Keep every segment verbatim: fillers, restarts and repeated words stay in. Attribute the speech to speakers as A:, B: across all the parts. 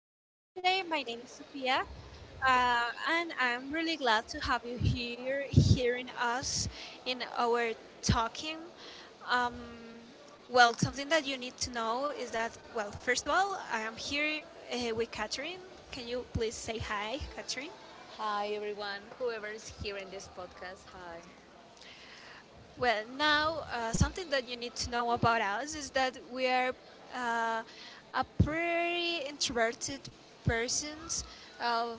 A: podcast for today. My name is Sophia, uh, and I'm really glad to have you here, hearing us in our talking. Um, well, something that you need to know is that, well, first of all, I am here uh, with Catherine. Can you please say hi, Catherine?
B: Hi, everyone, whoever is here in this podcast. Hi.
A: Well, now uh, something that you need to know about us is that we are uh, a pretty introverted persons. Uh,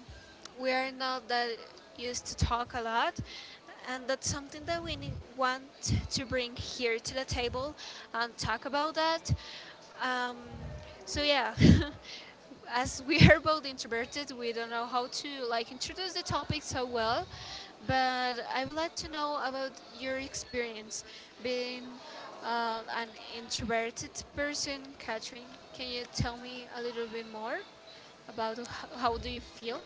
A: we are not that used to talk a lot, and that's something that we need, want to bring here to the table and talk about that. Um, so yeah, as we are both introverted, we don't know how to like introduce the topic so well. But I would like to know about your experience being uh, an introverted person, Catherine. Can you tell me a little bit more about h- how do you feel?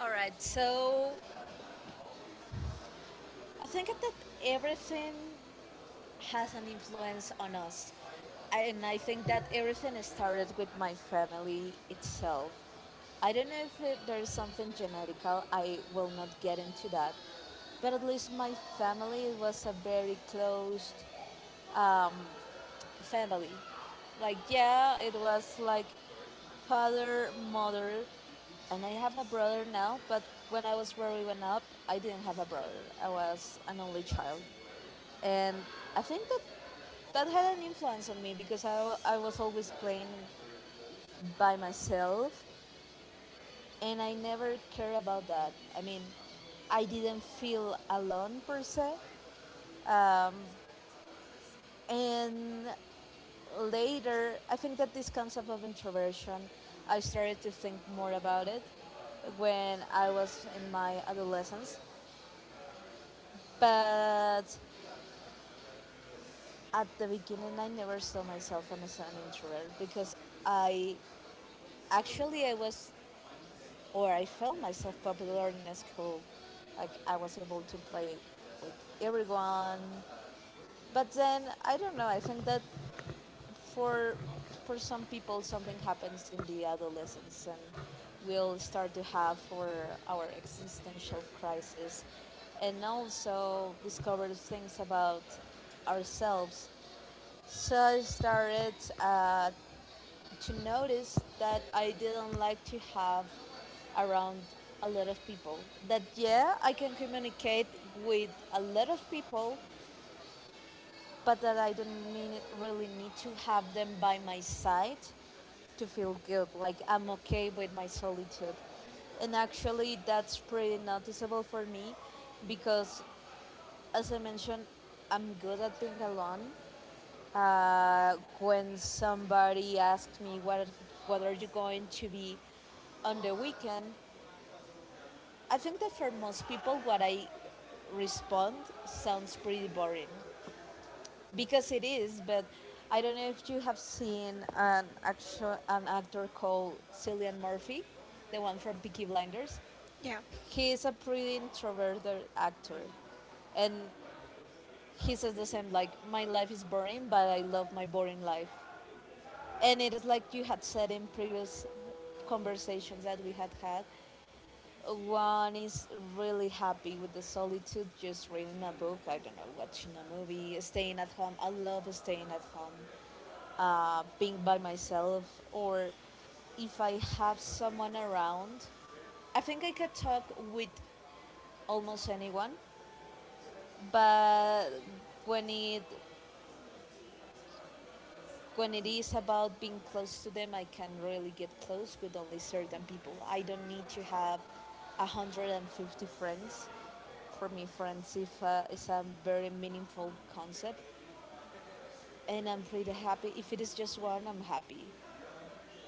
B: All right,
A: So.
B: so I think that everything has an influence on us. And I think that everything started with my family itself. I don't know if it, there is something genetical, I will not get into that. But at least my family was a very closed, um, family. Like, yeah, it was like father, mother, and I have a brother now, but when I was growing up, I didn't have a brother. I was an only child. And I think that that had an influence on me because I, I was always playing by myself and I never cared about that. I mean, I didn't feel alone per se. And later, I think that this concept of introversion, I started to think more about it when I was in my adolescence. But at the beginning, I never saw myself as an introvert because I actually I was or I felt myself popular in school. Like I was able to play with everyone. But then I don't know. I think that For for some people, something happens in the adolescence, and we'll start to have for our existential crisis, and also discover things about ourselves. So I started uh, to notice that I didn't like to have around a lot of people. That yeah, I can communicate with a lot of people, but that I don't need, really need to have them by my side to feel good. Like I'm okay with my solitude. And actually, that's pretty noticeable for me because, as I mentioned, I'm good at being alone. Uh, when somebody asks me, what, what are you going to be on the weekend? I think that for most people, what I respond sounds pretty boring because it is, but I don't know if you have seen an actual an actor called Cillian Murphy, the one from Peaky Blinders.
A: Yeah,
B: He is a pretty introverted actor, and he says the same, like, my life is boring, but I love my boring life. And it is like you had said in previous conversations that we had had, one is really happy with the solitude, just reading a book, I don't know, watching a movie, staying at home. I love staying at home, uh, being by myself, or if I have someone around. I think I could talk with almost anyone, but when it When it is about being close to them, I can really get close with only certain people. I don't need to have a hundred fifty friends. For me, friends if, uh, is a very meaningful concept, and I'm pretty happy. If it is just one, I'm happy.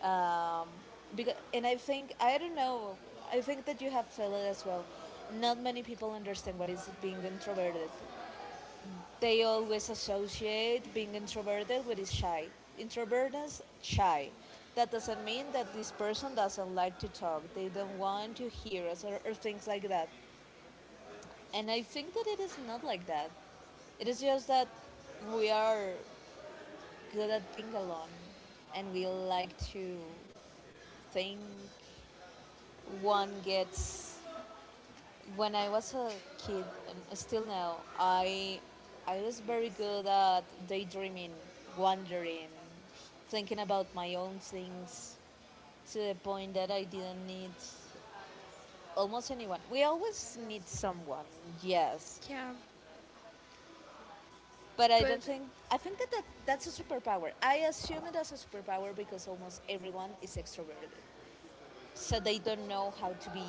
B: Um, because, and I think, I don't know, I think that you have felt it as well. Not many people understand what is being introverted. They always associate being introverted with is shy. Introvertness, shy. That doesn't mean that this person doesn't like to talk. They don't want to hear us, or, or things like that. And I think that it is not like that. It is just that we are good at being alone and we like to think one gets when I was a kid, and still now, I I was very good at daydreaming, wandering, thinking about my own things to the point that I didn't need almost anyone. We always need someone, yes,
A: yeah,
B: but I don't
A: but.
B: think I think that, that that's a superpower. I assume it as a superpower because almost everyone is extroverted, so they don't know how to be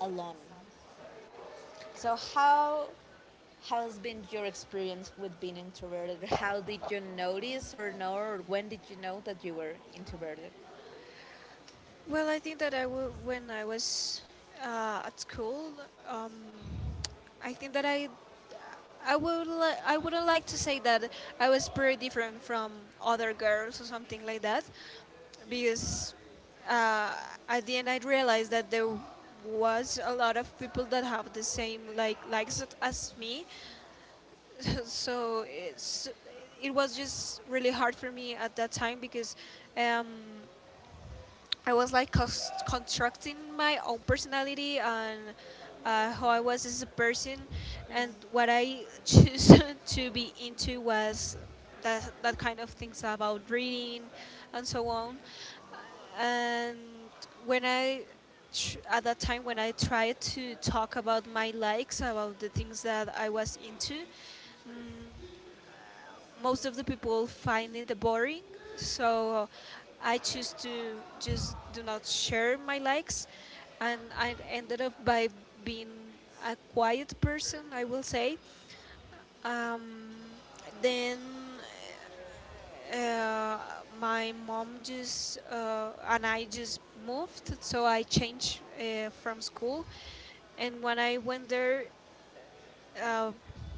B: alone. So how has been your experience with being introverted? How did you notice or know or when did you know that you were introverted?
A: Well, I think that I w- when I was uh, at school, um, I think that I I would li- I wouldn't like to say that I was pretty different from other girls or something like that, because uh, at the end I realized that there was a lot of people that have the same like likes as as me, so it's it was just really hard for me at that time because. Um, I was like constructing my own personality and uh, how I was as a person, and what I choose to be into was that that kind of things about reading and so on. And when I tr- at that time when I tried to talk about my likes about the things that I was into, mm most of the people find it boring, so I choose to just do not share my likes, and I ended up by being a quiet person, I will say. um, then uh, my mom just uh, and I just moved, so I changed uh, from school. And when I went there, uh,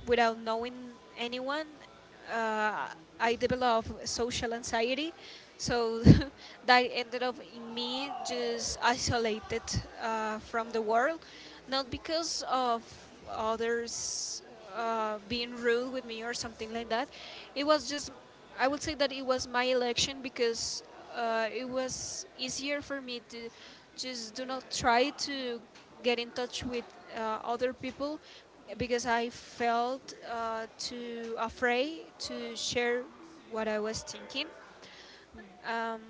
A: without knowing anyone, uh, I developed social anxiety. So that ended up in me just isolated uh, from the world, not because of others uh, being rude with me or something like that. It was just, I would say that it was my election, because uh, it was easier for me to just do not try to get in touch with uh, other people because I felt uh, too afraid to share what I was thinking. Um,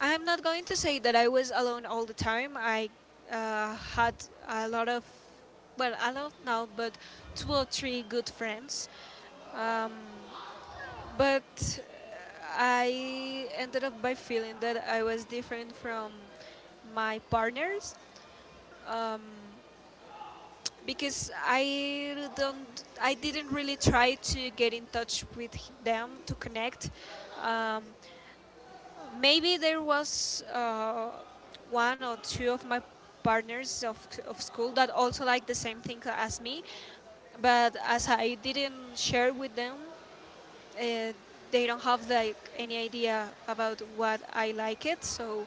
A: I'm not going to say that I was alone all the time. I uh, had a lot of, well, I don't know, but two or three good friends. Um, but I ended up by feeling that I was different from my partners, um, because I don't, I didn't really try to get in touch with them to connect. Um, Maybe there was uh, one or two of my partners of, of school that also liked the same thing as me, but as I didn't share with them, uh, they don't have like any idea about what I like it. So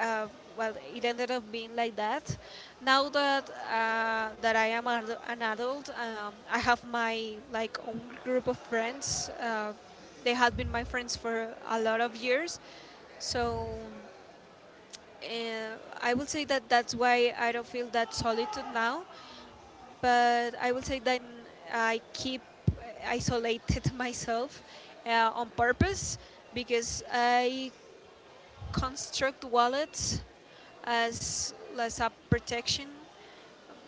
A: uh, well, it ended up being like that. Now that uh, that I am ad- an adult, um, I have my like own group of friends. Uh, they have been my friends for a lot of years, so uh, I will say that that's why I don't feel that solitude now. But I will say that I keep isolated myself uh, on purpose, because I construct wallets as less app protection,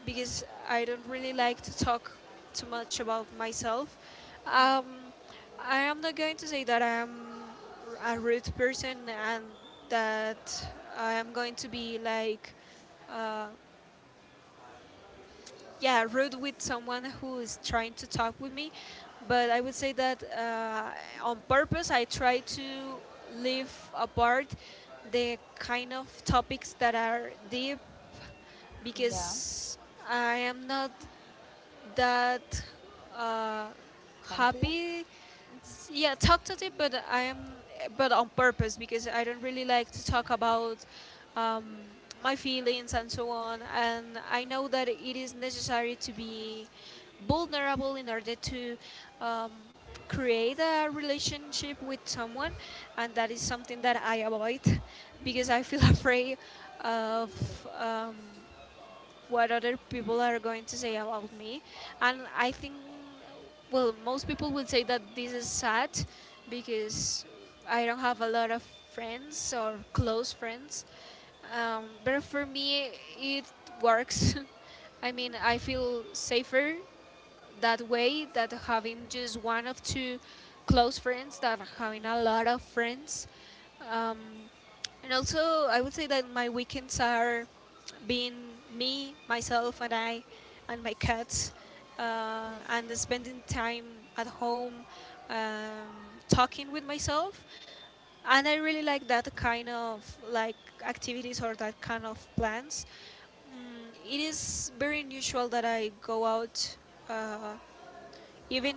A: because I don't really like to talk too much about myself. Um, I am not going to say that I am a rude person and that I am going to be like, uh, yeah, rude with someone who is trying to talk with me, but I would say that uh, on purpose I try to leave apart the kind of topics that are deep,
B: Yeah,
A: because I am not that uh,
B: confident.
A: happy, s- yeah, talked at it, but i am but on purpose, because I don't really like to talk about um, my feelings and so on, and I know that it is necessary to be vulnerable in order to um, create a relationship with someone, and that is something that I avoid because I feel afraid of um, what other people are going to say about me. And I think, well, most people would say that this is sad because I don't have a lot of friends or close friends. Um, but for me, it works. I mean, I feel safer that way, that having just one of two close friends, that having a lot of friends. um, and also, I would say that my weekends are being me, myself, and I, and my cats, uh, and spending time at home, um, talking with myself, and I really like that kind of like activities or that kind of plans. Mm, It is very unusual that I go out, uh, even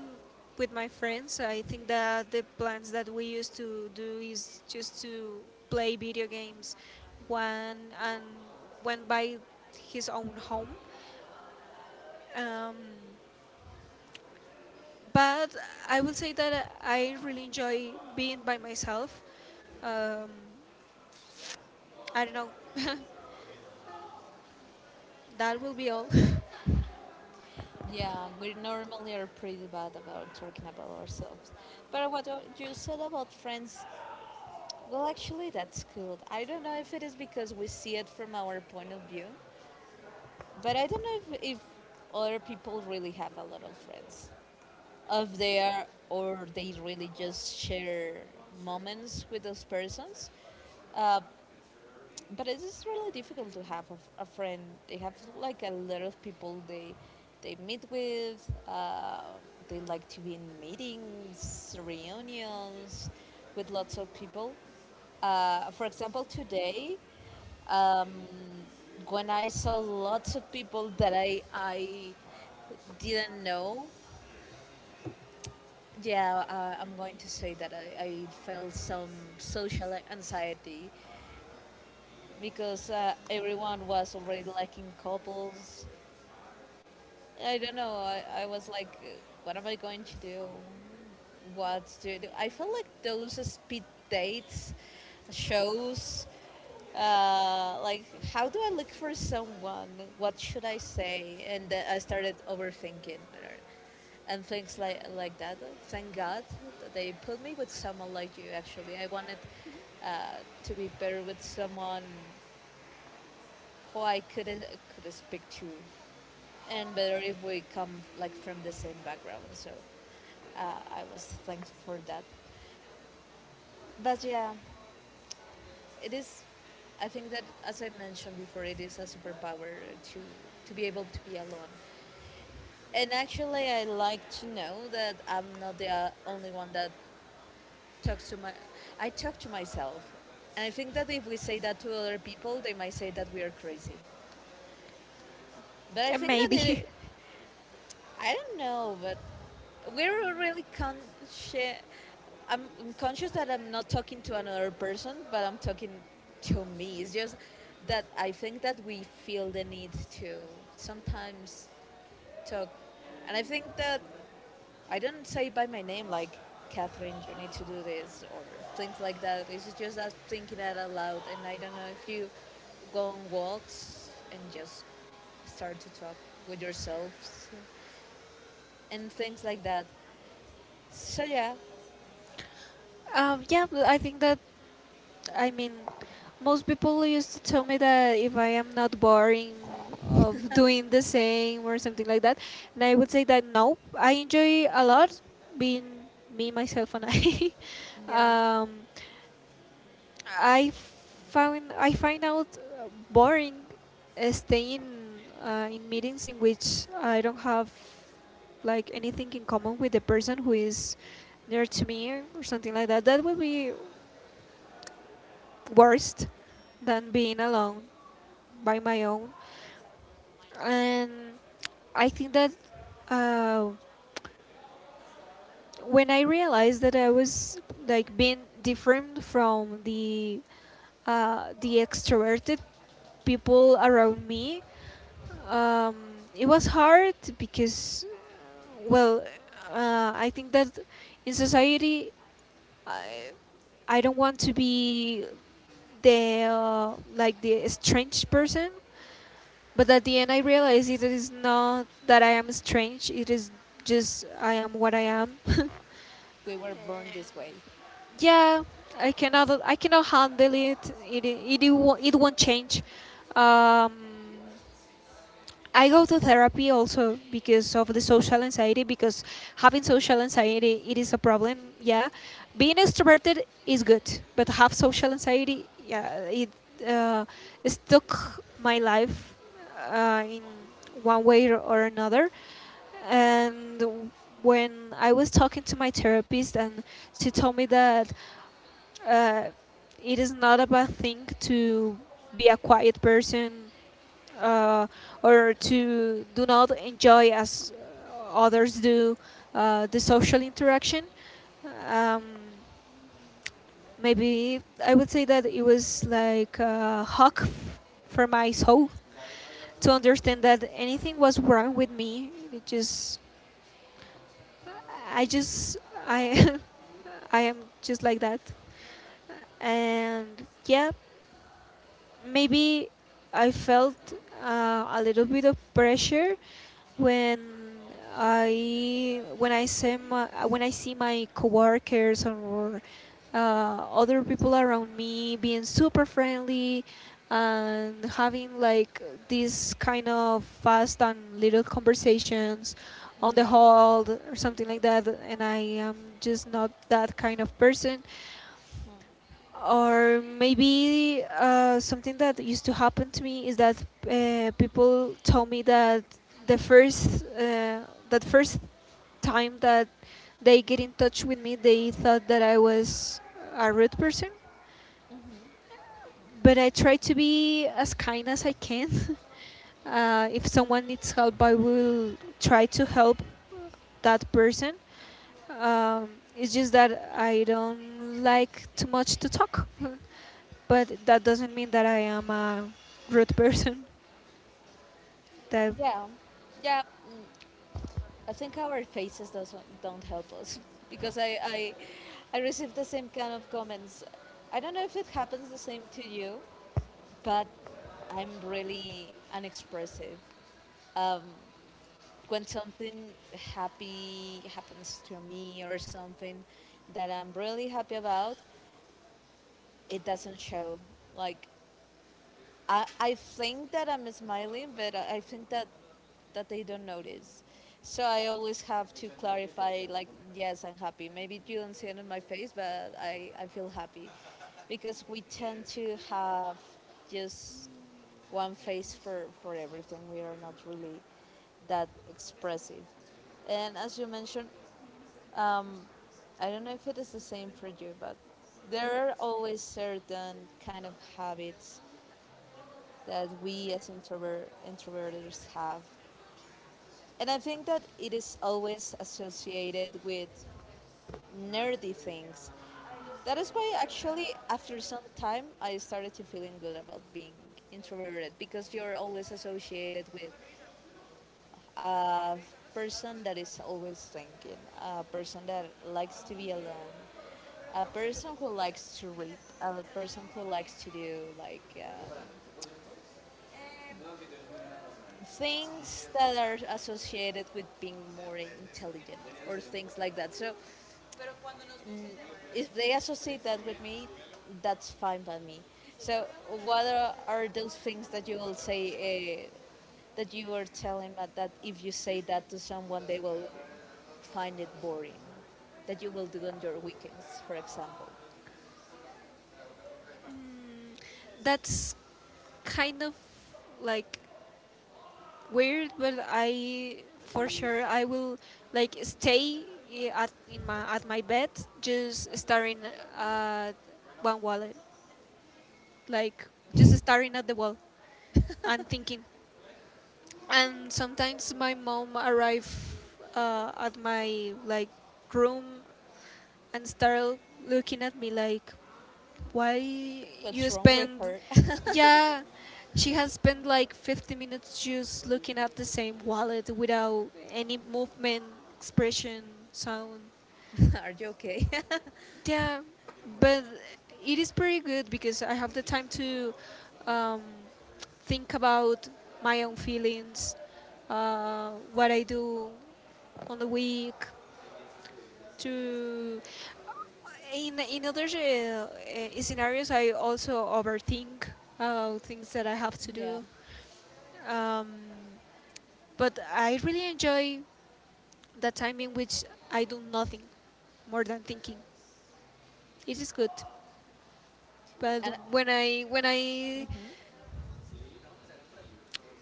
A: with my friends. I think that the plans that we used to do is just to play video games. One and went by his own home. Um, but I will say that I really enjoy being by myself. Um, I don't know. That will be all.
B: Yeah, we normally are pretty bad about talking about ourselves. But what o- you said about friends, well, actually, that's good. I don't know if it is because we see it from our point of view, but I don't know if, if other people really have a lot of friends. Of there or they really just share moments with those persons. Uh, but it is really difficult to have a, f- a friend. They have like a lot of people they they meet with. Uh, they like to be in meetings, reunions, with lots of people. Uh, for example, today um, when I saw lots of people that I I didn't know, yeah, uh, I'm going to say that I, I felt some social anxiety because uh, everyone was already liking couples. I don't know. I, I was like, uh, what am I going to do? What do I do? I feel like those speed dates shows. Uh, like, how do I look for someone? What should I say? And then I started overthinking, er, and things like like that. Thank God that they put me with someone like you. Actually, I wanted uh, to be better with someone who I could could speak to, and better if we come like from the same background. So uh, I was thankful for that. But yeah, it is. I think that as I mentioned before, it is a superpower to to be able to be alone. And actually, I like to know that I'm not the uh, only one that talks to my. I talk to myself, and I think that if we say that to other people, they might say that we are crazy. But I
A: And
B: think that
A: maybe.
B: it, I don't know, but we're really conscious. I'm, I'm conscious that I'm not talking to another person, but I'm talking to me. It's just that I think that we feel the need to sometimes talk. And I think that I don't say by my name, like, Catherine, you need to do this, or things like that. It's just us thinking that out loud. And I don't know if you go on walks and just start to talk with yourselves and things like that. So yeah,
A: Um, yeah, but I think that, I mean, most people used to tell me that if I am not boring of doing the same or something like that, and I would say that no, I enjoy a lot being me, myself, and I.
B: yeah,
A: um, I found I find out uh, boring uh, staying uh, in meetings in which I don't have like anything in common with the person who is near to me or something like that. That would be worst than being alone by my own. And I think that uh, when I realized that I was like being different from the uh, the extroverted people around me, um, it was hard because, well, uh, I think that in society, I, I don't want to be the uh, like the strange person, but at the end, I realized it is not that I am strange. It is just I am what I am.
B: we were born this way.
A: Yeah, I cannot. I cannot handle it. It it it won't, it won't change. Um, I go to therapy also because of the social anxiety. Because having social anxiety, it is a problem. Yeah, being extroverted is good, but have social anxiety, yeah, it uh, stuck my life uh, in one way or or another. And when I was talking to my therapist, and she told me that uh, it is not a bad thing to be a quiet person, uh, or to do not enjoy as others do uh, the social interaction. Um, Maybe I would say that it was like a hug f- for my soul, to understand that anything was wrong with me. It just, I just, I I am just like that, and yeah, maybe I felt uh, a little bit of pressure when I when I see my, when I see my coworkers or uh, other people around me being super friendly and having like these kind of fast and little conversations on the
B: Yeah,
A: hall or something like that, and I am just not that kind of person. Or maybe uh, something that used to happen to me is that uh, people told me that the first uh, that first time that they get in touch with me, they thought that I was a rude person, but I try to be as kind as I can. Uh, if someone needs help, I will try to help that person. Um, it's just that I don't like too much to talk, but that doesn't mean that I am a rude person. That
B: yeah, yeah. mm, I think our faces doesn't don't help us because I I I received the same kind of comments. I don't know if it happens the same to you, but I'm really unexpressive. When something happy happens to me or something that I'm really happy about, it doesn't show. Like I, I think that I'm smiling, but I I think that that they don't notice. So I always have to clarify, like, yes, I'm happy. Maybe you don't see it on my face, but I, I feel happy. Because we tend to have just one face for, for everything. We are not really that expressive. And as you mentioned, um, I don't know if it is the same for you, but there are always certain kind of habits that we as introvert introverts have. And I think that it is always associated with nerdy things. That is why actually after some time I started to feeling good about being introverted because you're always associated with a person that is always thinking, a person that likes to be alone, a person who likes to read, a person who likes to do like um, things that are associated with being more intelligent or things like that. So if they associate that with me, that's fine by me. So what are, are those things that you will say uh, that you were telling that, that if you say that to someone, they will find it boring? That you will do on your weekends, for example.
A: that's kind of like weird, but I for sure I will like stay i- at in my at my bed just staring at one wall, like just staring at the wall and thinking. And sometimes my mom arrive uh, at my like room and start looking at me like, why you
B: What's wrong with
A: spend,
B: her?
A: yeah, she has spent like fifty minutes just looking at the same wallet without any movement, expression, sound.
B: Are you okay?
A: Yeah, but it is pretty good because I have the time to um, think about my own feelings, uh, what I do on the week. To, in in other uh, uh, scenarios, I also overthink about things that I have to
B: Yeah.
A: do. Um, but I really enjoy the time in which I do nothing more than thinking. It is good. But
B: And
A: when I when I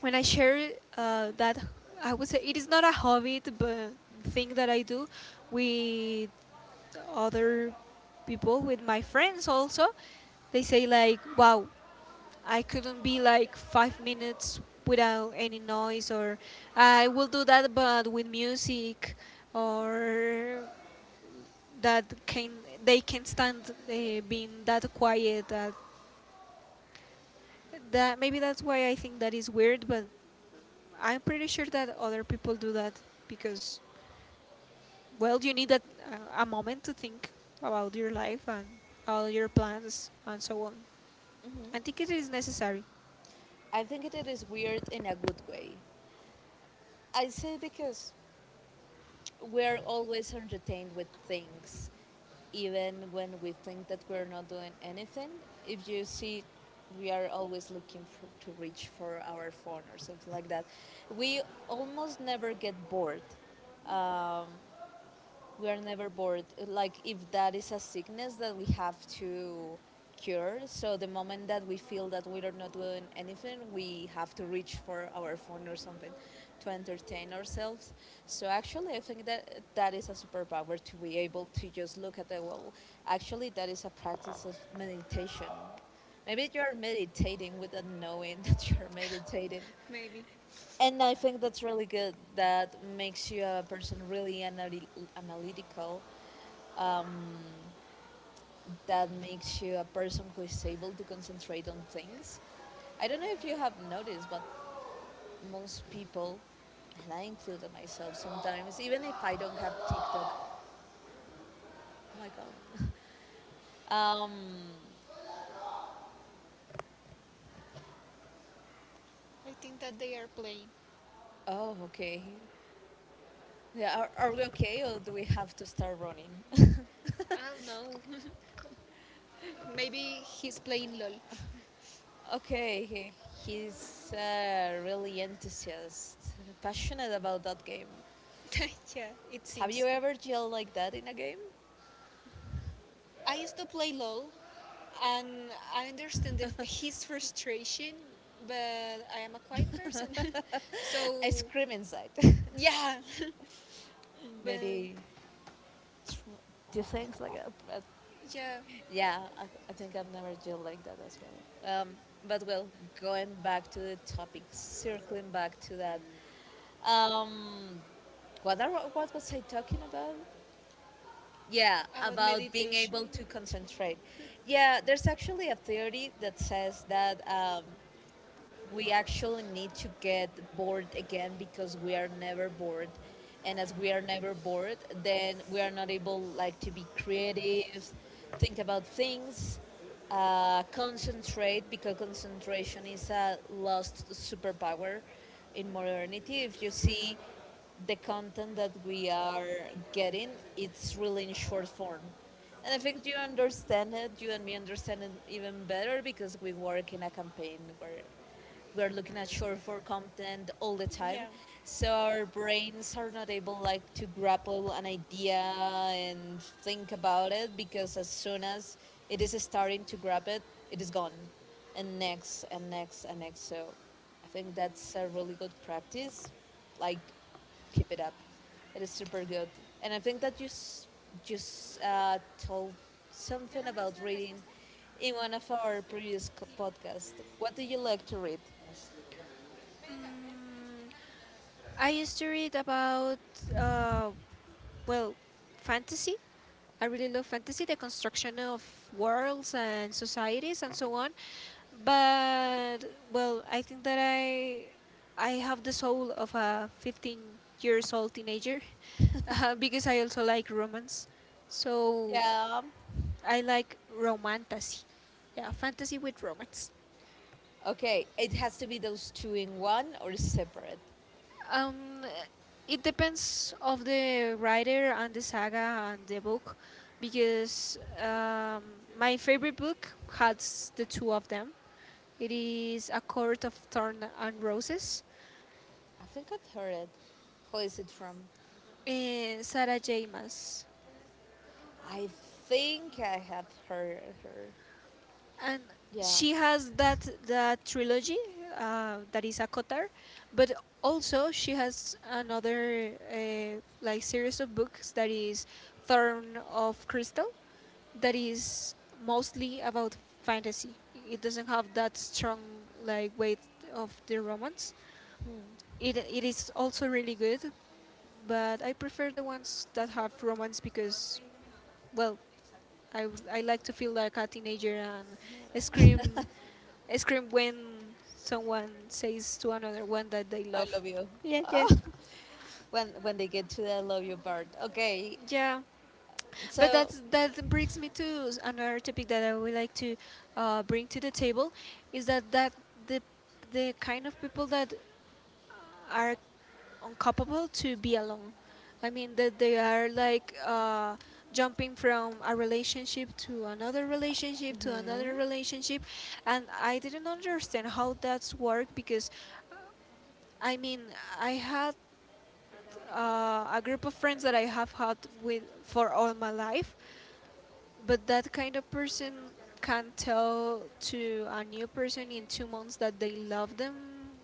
A: when I share uh, that, I would say it is not a hobby but thing that I do with other people, with my friends, also they say like, wow, I couldn't be like five minutes without any noise, or I will do that, but with music, or that can they can stand uh, being that quiet. That That maybe that's why I think that is weird, but I'm pretty sure that other people do that because, well, you need that uh, a moment to think about your life and all your plans and so on. I think it is necessary.
B: I think it is weird in a good way. I say because we're always entertained with things, even when we think that we're not doing anything. If you see, we are always looking for, to reach for our phone or something like that. We almost never get bored. Um, we are never bored. Like if that is a sickness that we have to cure, so the moment that we feel that we are not doing anything, we have to reach for our phone or something to entertain ourselves. So actually, I think that that is a superpower to be able to just look at the wall. Actually, that is a practice of meditation. Maybe you're meditating without knowing that you're meditating.
A: Maybe.
B: And I think that's really good. That makes you a person really anal- analytical, um, that makes you a person who is able to concentrate on things. I don't know if you have noticed, but most people, and I include myself sometimes, even if I don't have TikTok. Oh my god. Um,
A: I think that they are playing.
B: oh, okay. Yeah, are, are we okay or do we have to start running?
A: I don't know. Maybe he's playing LOL.
B: Okay, he, he's uh, really enthusiastic, passionate about that game.
A: Yeah, it
B: Have
A: seems.
B: you ever yelled like that in a game?
A: I used to play LOL and I understand the, f- his frustration, but I am a quiet person. So.
B: I scream inside.
A: Yeah. But
B: Maybe do things like that, but
A: yeah,
B: yeah, I, I think I've never dealt like that as well. Um, but well, going back to the topic, circling back to that, um, what are, what was I talking about? Yeah,
A: about
B: about being
A: meditation.
B: able to concentrate. Yeah, there's actually a theory that says that um, we actually need to get bored again because we are never bored, and as we are never bored then we are not able like to be creative, think about things, uh, concentrate, because concentration is a lost superpower in modernity. If you see the content that we are getting, it's really in short form. And I think you understand it, you and me understand it even better because we work in a campaign where we are looking at short form content all the time.
A: Yeah.
B: So our brains are not able like to grapple an idea and think about it, because as soon as it is starting to grab it, it is gone. And next and next and next. So I think that's a really good practice, like, keep it up, it is super good, and I think that you s- just uh, told something about reading in one of our previous co- podcasts. What do you like to read?
A: Mm, I used to read about, uh, well, fantasy. I really love fantasy, the construction of worlds and societies and so on. But, well, I think that I, I have the soul of a fifteen years old teenager, uh, because I also like romance. So
B: Yeah.
A: I like romantasy. Yeah, fantasy with romance.
B: Okay, it has to be those two in one or separate.
A: Um, it depends of the writer and the saga and the book, because um, my favorite book has the two of them. It is A Court of Thorn and Roses,
B: I think I've heard it. Who is it from?
A: and Sarah J. Maas.
B: I think I have heard her.
A: And
B: Yeah,
A: she has that that trilogy uh, that is a Kotar, but also she has another uh, like series of books that is Thorn of Crystal, that is mostly about fantasy. It doesn't have that strong like weight of the romance. It it is also really good, but I prefer the ones that have romance because, well, I, w- I like to feel like a teenager and scream scream when someone says to another one that they
B: I
A: love.
B: love you.
A: Yeah,
B: Ah,
A: yeah.
B: when when they get to the "I love you part. Okay,
A: Yeah, but
B: so
A: that's, that brings me to s- another topic that I would like to uh, bring to the table, is that that the the kind of people that are uncapable to be alone. I mean that they are like uh, jumping from a relationship to another relationship to another relationship, and I didn't understand how that's work because, I mean, I had uh, a group of friends that I have had with for all my life, but that kind of person can tell to a new person in two months that they love them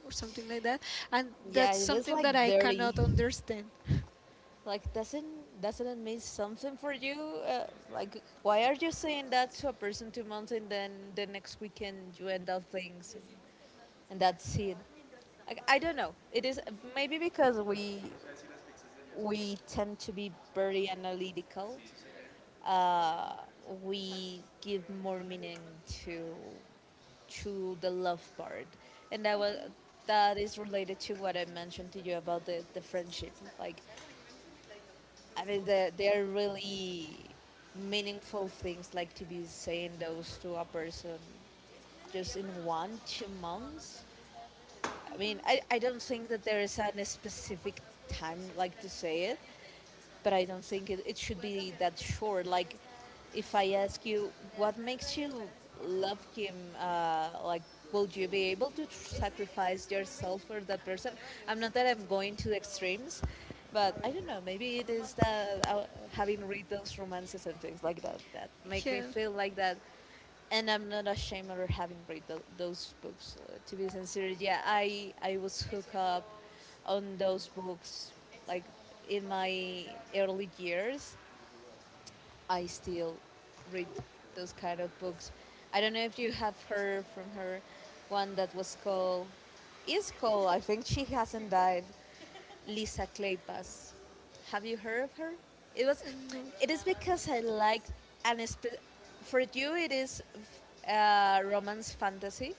A: or something like that, and
B: yeah,
A: that's
B: it is
A: something
B: like
A: that I
B: dirty.
A: cannot understand.
B: Like, doesn't doesn't it mean something for you? Uh, like why are you saying that to a person two months and then the next weekend you end up things, and, and that's it? Like, I don't know. It is maybe because we we tend to be very analytical. Uh, we give more meaning to to the love part, and that was that is related to what I mentioned to you about the the friendship. Like, I mean, the, they're really meaningful things like to be saying those to a person just in one, two months. I mean, I, I don't think that there is a specific time like to say it, but I don't think it, it should be that short. Like, if I ask you what makes you love him, uh, like, will you be able to tr- sacrifice yourself for that person? I'm not that I'm going to extremes, but I don't know. Maybe it is that uh, having read those romances and things like that that make me
A: Yeah.
B: feel like that. And I'm not ashamed of having read tho- those books. Uh, to be sincere, yeah, I I was hooked up on those books. Like, in my early years, I still read those kind of books. I don't know if you have heard from her one that was called, is called, I think she hasn't died, Lisa Kleypas. Have you heard of her? It was,
A: No.
B: it is because I like, and for you it is f- uh, romance fantasy,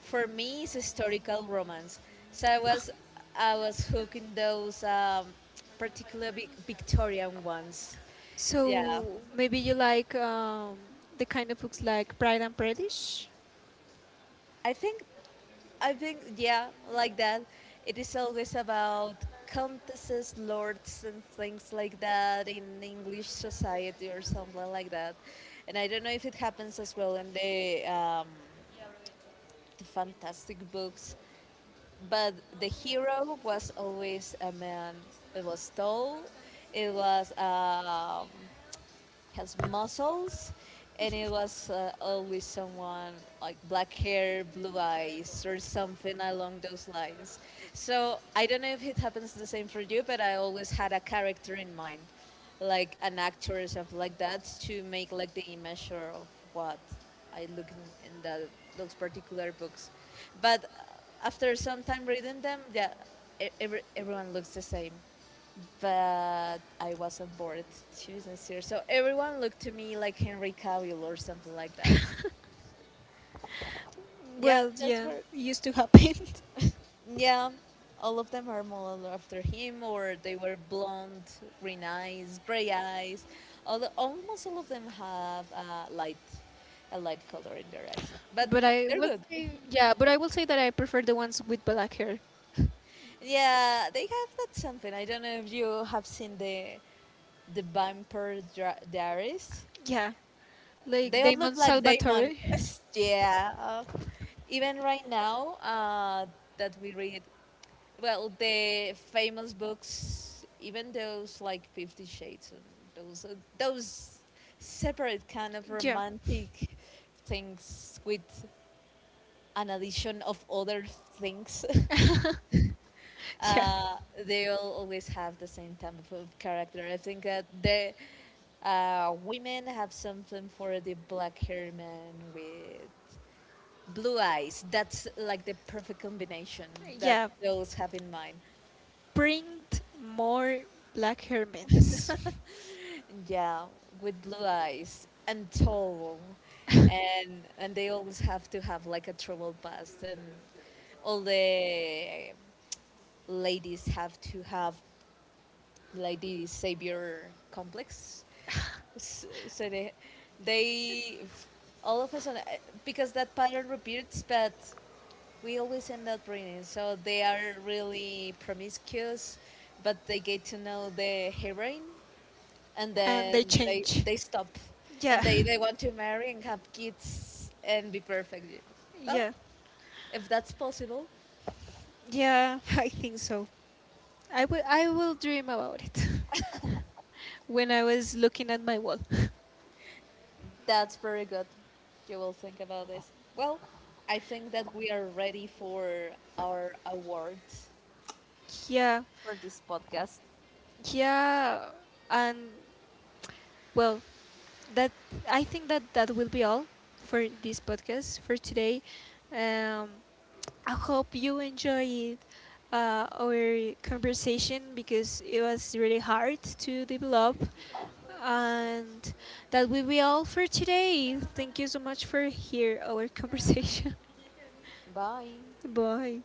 B: for me, it's historical romance. So I was I was hooked in those um, particular Vic- Victorian ones. Yeah,
A: So maybe you like, um, the kind of books like Pride and Prejudice?
B: I think I think yeah, like that. It is always about countesses, lords, and things like that in English society or something like that. And I don't know if it happens as well in the um, the fantastic books, but the hero was always a man. It was tall. It was. Um, has muscles, and it was uh, always someone like black hair, blue eyes, or something along those lines. So I don't know if it happens the same for you, but I always had a character in mind, like an actor or something like that, to make like the image or of what I look in, in that, those particular books. But uh, after some time reading them, yeah, e- every, everyone looks the same, but I wasn't bored, to be sincere. So everyone looked to me like Henry Cavill or something like that. Yeah,
A: Well,
B: that's
A: yeah,
B: where.
A: it used to happen.
B: Yeah, all of them are modeled after him, or they were blonde, green eyes, gray eyes. All the, almost all of them have a light, a light color in their eyes, but
A: But I
B: they're
A: will
B: good.
A: say, yeah, but I will say that I prefer the ones with black hair.
B: Yeah, they have that something. I don't know if you have seen the the Vampire Dra- Diaries.
A: Yeah, like
B: They all look
A: Damon
B: like
A: Salvatore.
B: demons. Yeah. Uh, Even right now, uh, that we read, well, the famous books, even those like Fifty Shades, and those uh, those separate kind of
A: Yeah.
B: romantic things with an addition of other things.
A: Yeah.
B: uh, they all always have the same type of of character. I think that the uh, women have something for the black hair man with blue eyes. That's like the perfect combination that
A: Yeah.
B: they always have in mind.
A: Bring more black hermits.
B: Yeah, with blue eyes and tall, and and they always have to have like a troubled past, and all the ladies have to have like the savior complex. S- so they, they All of a sudden uh, because that pattern repeats, but we always end up reading, so they are really promiscuous, but they get to know the heroine and
A: And
B: then
A: they
B: they
A: change.
B: they stop. And
A: Yeah.
B: they they want to marry and have kids and be perfect. Well,
A: Yeah.
B: if that's possible,
A: Yeah. I think so. I will, I will dream about it when I was looking at my wall.
B: that's very good. You will think about this. Well, I think that we are ready for our awards
A: Yeah,
B: for this podcast.
A: yeah, and, well, that, I think that that will be all for this podcast for today. Um, I hope you enjoyed uh, our conversation because it was really hard to develop. And that will be all for today. Thank you so much for hear our conversation.
B: Bye.
A: Bye.